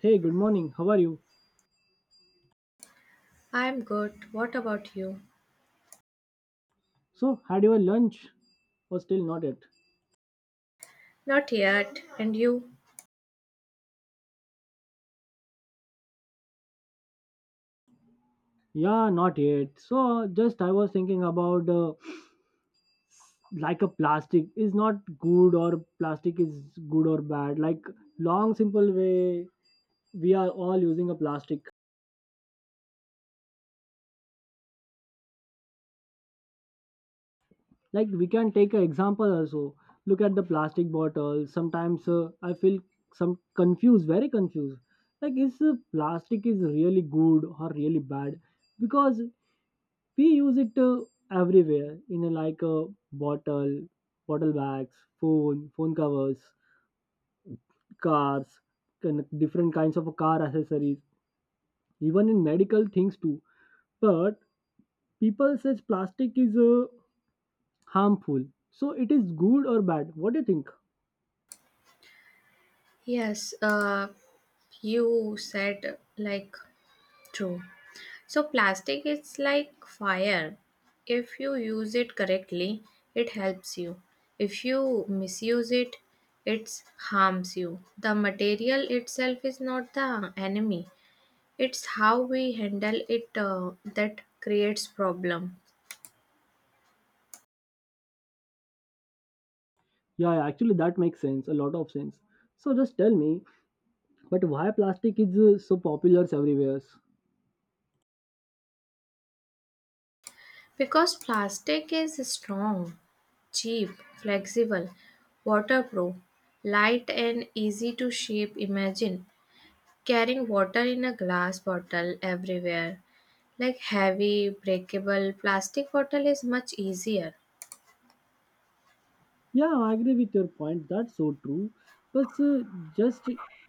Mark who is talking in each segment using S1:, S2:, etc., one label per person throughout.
S1: Hey, good morning. How are you?
S2: I'm good. What about you?
S1: So, had your lunch or still not yet?
S2: Not yet. And you?
S1: Yeah, not yet. So, just I was thinking about like a plastic is not good or plastic is good or bad. Like long simple way we are all using a plastic. Like we can take an example also. Look at the plastic bottle. Sometimes I feel some confused, very confused. Like is plastic is really good or really bad? Because we use it everywhere in a, like a bottle bottle bags, phone covers, cars, kind of different kinds of car accessories, even in medical things too. But people says plastic is harmful. So it is good or bad, what do you think?
S2: Yes, you said like true. So, plastic is like fire. If you use it correctly, it helps you. If you misuse it, it harms you. The material itself is not the enemy. It's how we handle it that creates problem.
S1: Yeah, yeah, actually that makes sense, a lot of sense. So just tell me, but why plastic is so popular everywhere?
S2: Because plastic is strong, cheap, flexible, waterproof, light, and easy to shape. Imagine carrying water in a glass bottle everywhere. Like heavy, breakable plastic bottle is much easier.
S1: Yeah, I agree with your point. That's so true. But just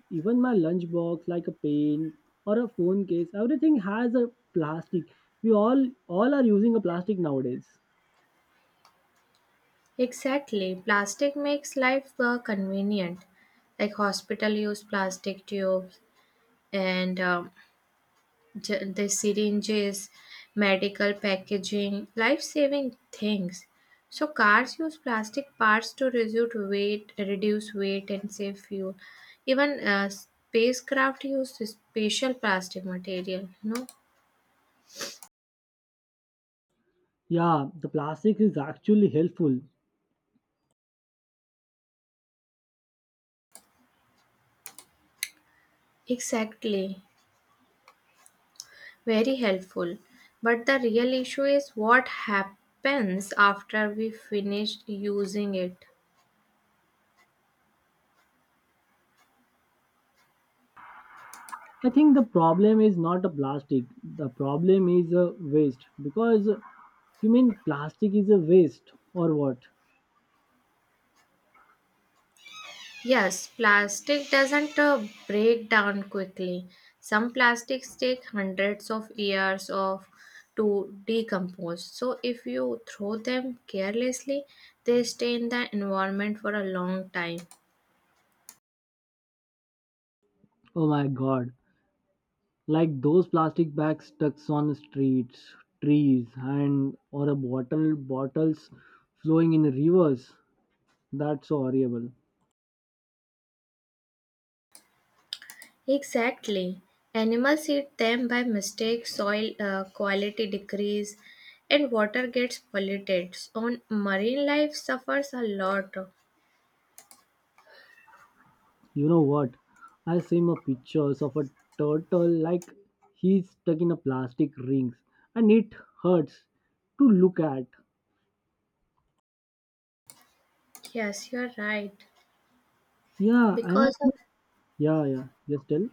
S1: even my lunchbox, like a pen or a phone case, everything has a plastic. We all are using a plastic nowadays.
S2: Exactly, plastic makes life convenient. Like hospital use plastic tubes and the syringes, medical packaging, life saving things. So, cars use plastic parts to reduce weight and save fuel. Even spacecraft use special plastic material. No,
S1: Yeah, the plastic is actually helpful.
S2: exactly. Very helpful. But the real issue is what happens after we finish using it.
S1: I think the problem is not the plastic. The problem is a waste. Because you mean plastic is a waste or what?
S2: Yes, plastic doesn't break down quickly. Some plastics take hundreds of years of to decompose. So if you throw them carelessly, they stay in the environment for a long time.
S1: Oh my god. Like those plastic bags stuck on streets, trees, and or a bottles flowing in rivers, that's so horrible.
S2: Exactly. Animals eat them by mistake, soil quality decrease, and water gets polluted. So marine life suffers a lot.
S1: You know what, I seen a pictures of a turtle, like he's stuck in a plastic rings and it hurts to look at.
S2: Yes, you're right.
S1: Yeah, I like.
S2: Because of
S1: Yeah, yeah, yes, tell.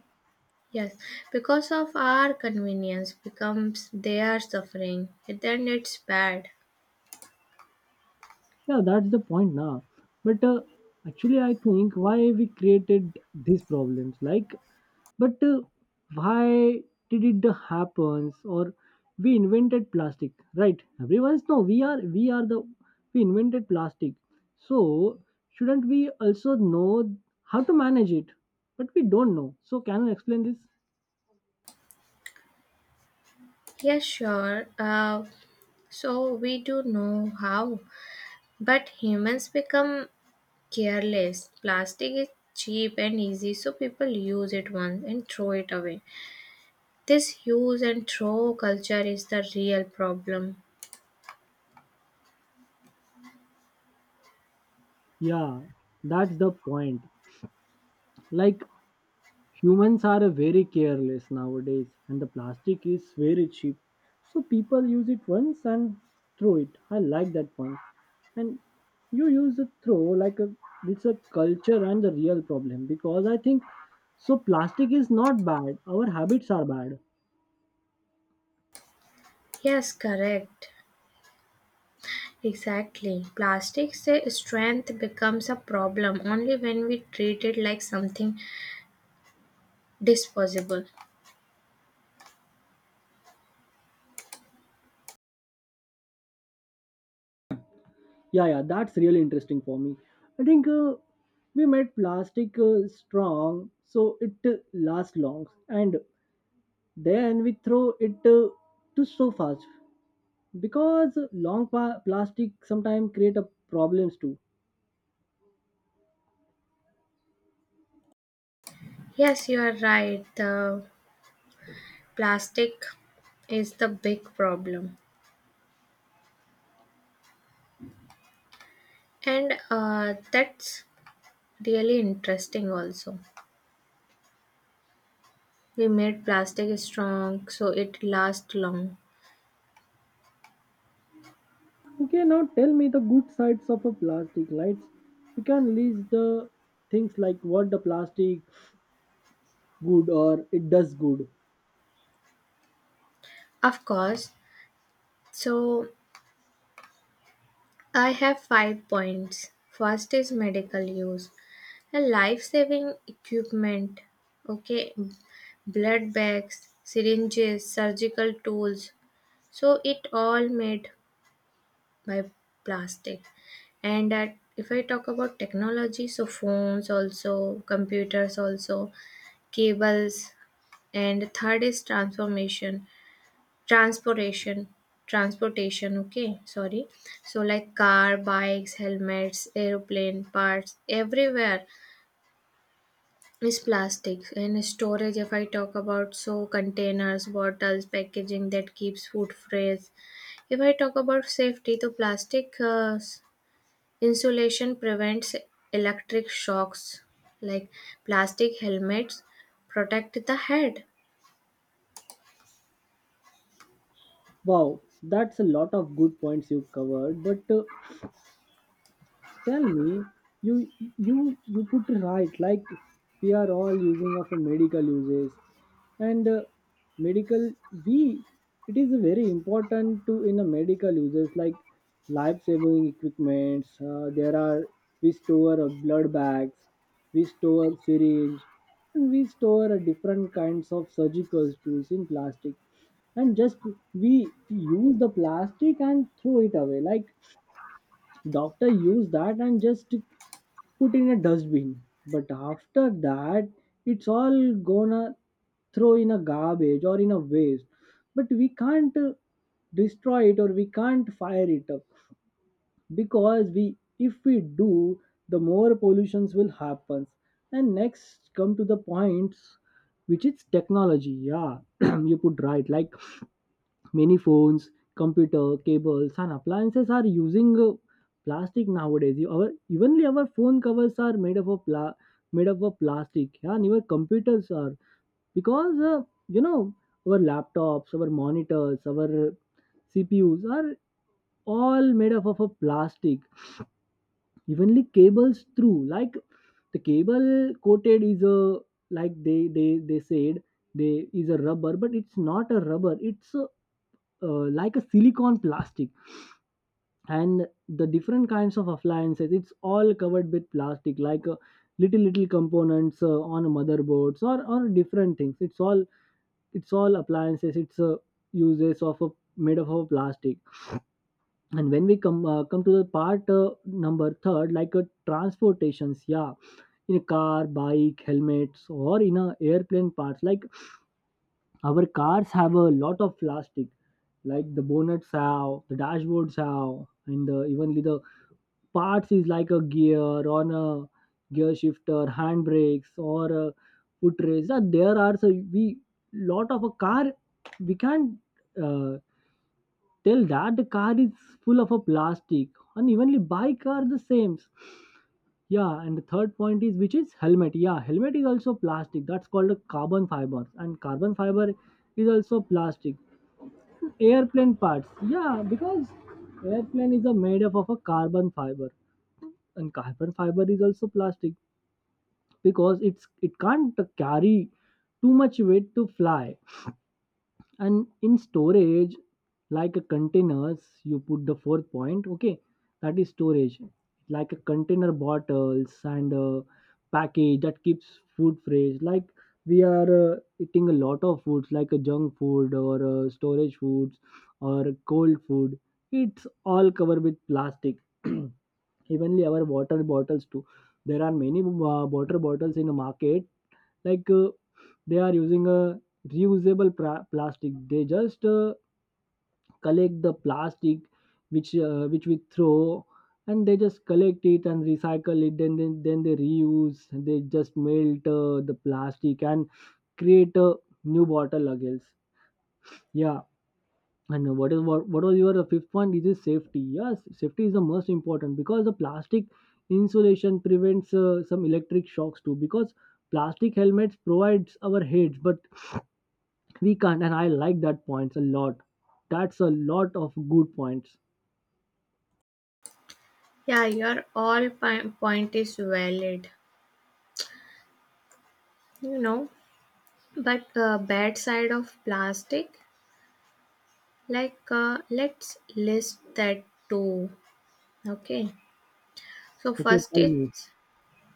S2: Yes, because of our convenience becomes their suffering. Then it's bad.
S1: Yeah, that's the point now. But actually, I think why we created these problems, like, but why did it happens? Or we invented plastic, right? Everyone's no, we are the we invented plastic. So shouldn't we also know how to manage it? But we don't know. So can you explain this?
S2: Yes, sure. So we do know how, but humans become careless. Plastic is cheap and easy, so people use it once and throw it away. This use and throw culture is the real problem.
S1: Yeah, that's the point. Like humans are very careless nowadays and the plastic is very cheap, so people use it once and throw it. I like that one. And you use a throw like a, it's a culture and the real problem, because I think so plastic is not bad, our habits are bad.
S2: Yes, correct. Exactly. Plastic's strength becomes a problem only when we treat it like something disposable.
S1: Yeah, yeah, that's really interesting for me. I think we made plastic strong so it lasts long and then we throw it to so fast, because long plastic sometimes create a problems too.
S2: Yes, you are right. The plastic is the big problem. And that's really interesting also. We made plastic strong so it lasts long.
S1: Okay, now tell me the good sides of a plastic lights. We can list the things like what the plastic good or it does good.
S2: Of course. So I have five points. First is medical use. A life saving equipment. Okay. Blood bags, syringes, surgical tools. So it all made by plastic. And that if I talk about technology, so phones also, computers also, cables, and third is transportation, transportation. Okay, sorry. So like car, bikes, helmets, aeroplane parts, everywhere is plastic. And storage, if I talk about so containers, bottles, packaging that keeps food fresh. If I talk about safety, so plastic insulation prevents electric shocks, like plastic helmets protect the head.
S1: Wow, that's a lot of good points you covered. But tell me, you you put it right, like we are all using of a medical uses, and medical, we, it is very important to in a medical uses, like life saving equipments, there are we store blood bags, we store syringe, and we store different kinds of surgical tools in plastic. And just we use the plastic and throw it away, like doctor use that and just put in a dustbin. But after that, it's all gonna throw in a garbage or in a waste. But we can't destroy it or we can't fire it up, because we, if we do, the more pollutions will happen. And next come to the points which is technology, yeah. You put right, like many phones, computer, cables, and appliances are using plastic nowadays. You- our evenly our phone covers are made up of made up of plastic, yeah, and even computers are, because you know our laptops, our monitors, our CPUs are all made up of a plastic. Evenly cables through, like the cable coated is a, like they said they is a rubber, but it's not a rubber. It's a like a silicon plastic. And the different kinds of appliances it's all covered with plastic, like little little components on motherboards or different things, it's all appliances, it's uses of a made of a plastic. And when we come come to the part number third, like transportations, yeah, in a car, bike helmets, or in a airplane parts, like our cars have a lot of plastic, like the bonnets have, the dashboards have, and even the parts is like a gear on a gear shifter, handbrakes or a footrace. There are, so we, lot of a car, we can't uh, tell that the car is full of a plastic. And evenly bike are the same, yeah. And the third point is which is helmet, yeah, helmet is also plastic, that's called a carbon fiber, and carbon fiber is also plastic. Airplane parts, yeah, because airplane is a made up of a carbon fiber, and carbon fiber is also plastic, because it's, it can't carry too much weight to fly. And in storage, like a containers, you put the fourth point, okay, that is storage, like a container bottles and a package that keeps food fresh, like we are eating a lot of foods, like a junk food or storage foods or cold food, it's all covered with plastic. Evenly our water bottles too. There are many water bottles in the market. Like they are using a reusable plastic. They just collect the plastic which we throw, and they just collect it and recycle it, then they reuse, they just melt the plastic and create a new bottle again, yeah. And what is what was your fifth point, is safety. Yes, safety is the most important, because the plastic insulation prevents some electric shocks too, because plastic helmets provides our heads, but we can't. And I like that points a lot, that's a lot of good points.
S2: Yeah, your all point is valid, you know. But bad side of plastic, like let's list that too. Okay. So
S1: Okay,
S2: first,
S1: tell me.
S2: it's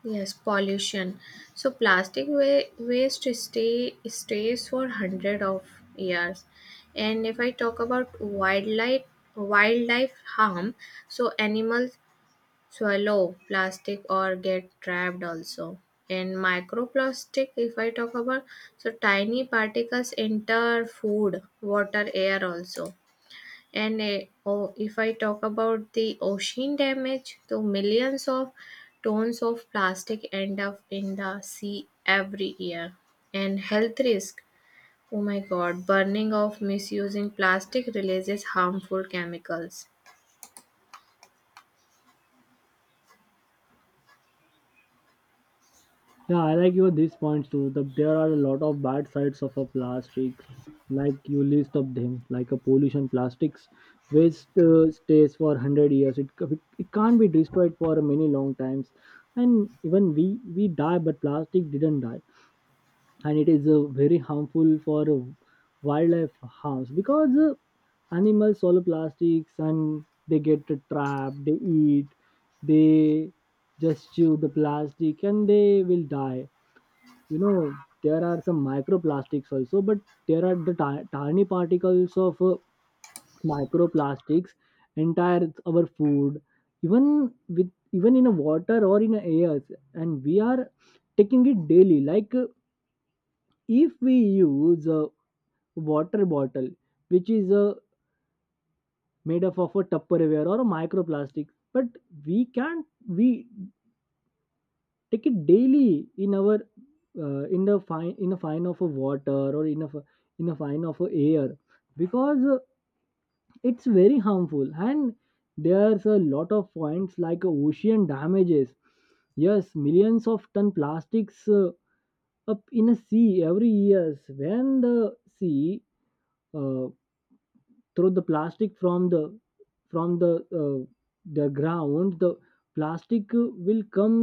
S2: yes, pollution. So plastic waste stays for hundred of years. And if I talk about wildlife harm, so animals swallow plastic or get trapped also. And microplastic, if I talk about, so tiny particles enter food, water, air also. And oh, if I talk about the ocean damage, so millions of tons of plastic end up in the sea every year. And health risk, oh my god, burning of misusing plastic releases harmful chemicals.
S1: Yeah, I like your these points too. The, there are a lot of bad sides of a plastics, like you list of them, like a pollution. Plastics waste stays for hundred years. It, it it can't be destroyed for many long times, and even we die, but plastic didn't die, and it is very harmful for wildlife harms, because animals swallow plastics and they get trapped. They eat, they just chew the plastic, and they will die, you know. There are some microplastics also, but there are the tiny particles of microplastics entire our food, even with even in a water or in a air, and we are taking it daily, like if we use a water bottle which is made up of a tupperware or a microplastic, but we can't we take it daily in our in the fine in a fine of a water or in a in a fine of a air, because it's very harmful. And there's a lot of points like ocean damages, yes, millions of ton plastics up in a sea every years, when the sea uh, throw the plastic from uh, the ground, the plastic will come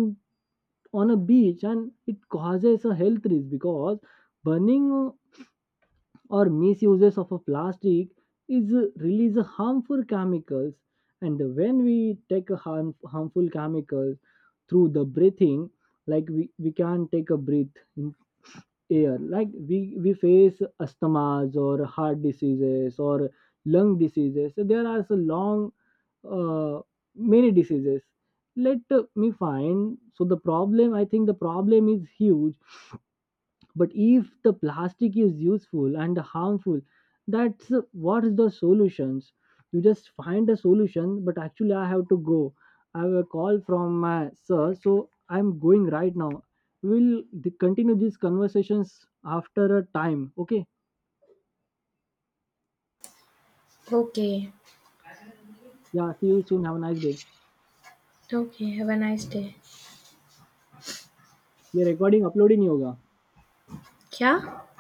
S1: on a beach, and it causes a health risk, because burning or misuses of a plastic is release a harmful chemicals. And when we take a harmful chemicals through the breathing, like we can take a breath in air, like we face asthmas or heart diseases or lung diseases, so there are so long uh, many diseases. Let me find, so the problem, I think the problem is huge, but if the plastic is useful and harmful, that's what is the solutions. You just find a solution, but actually I have to go, I have a call from my sir, so I'm going right now. We'll continue these conversations after a time, okay?
S2: Okay,
S1: Yeah, see you soon, have a nice day.
S2: okay, have a nice day.
S1: ये recording upload ही नहीं होगा
S2: क्या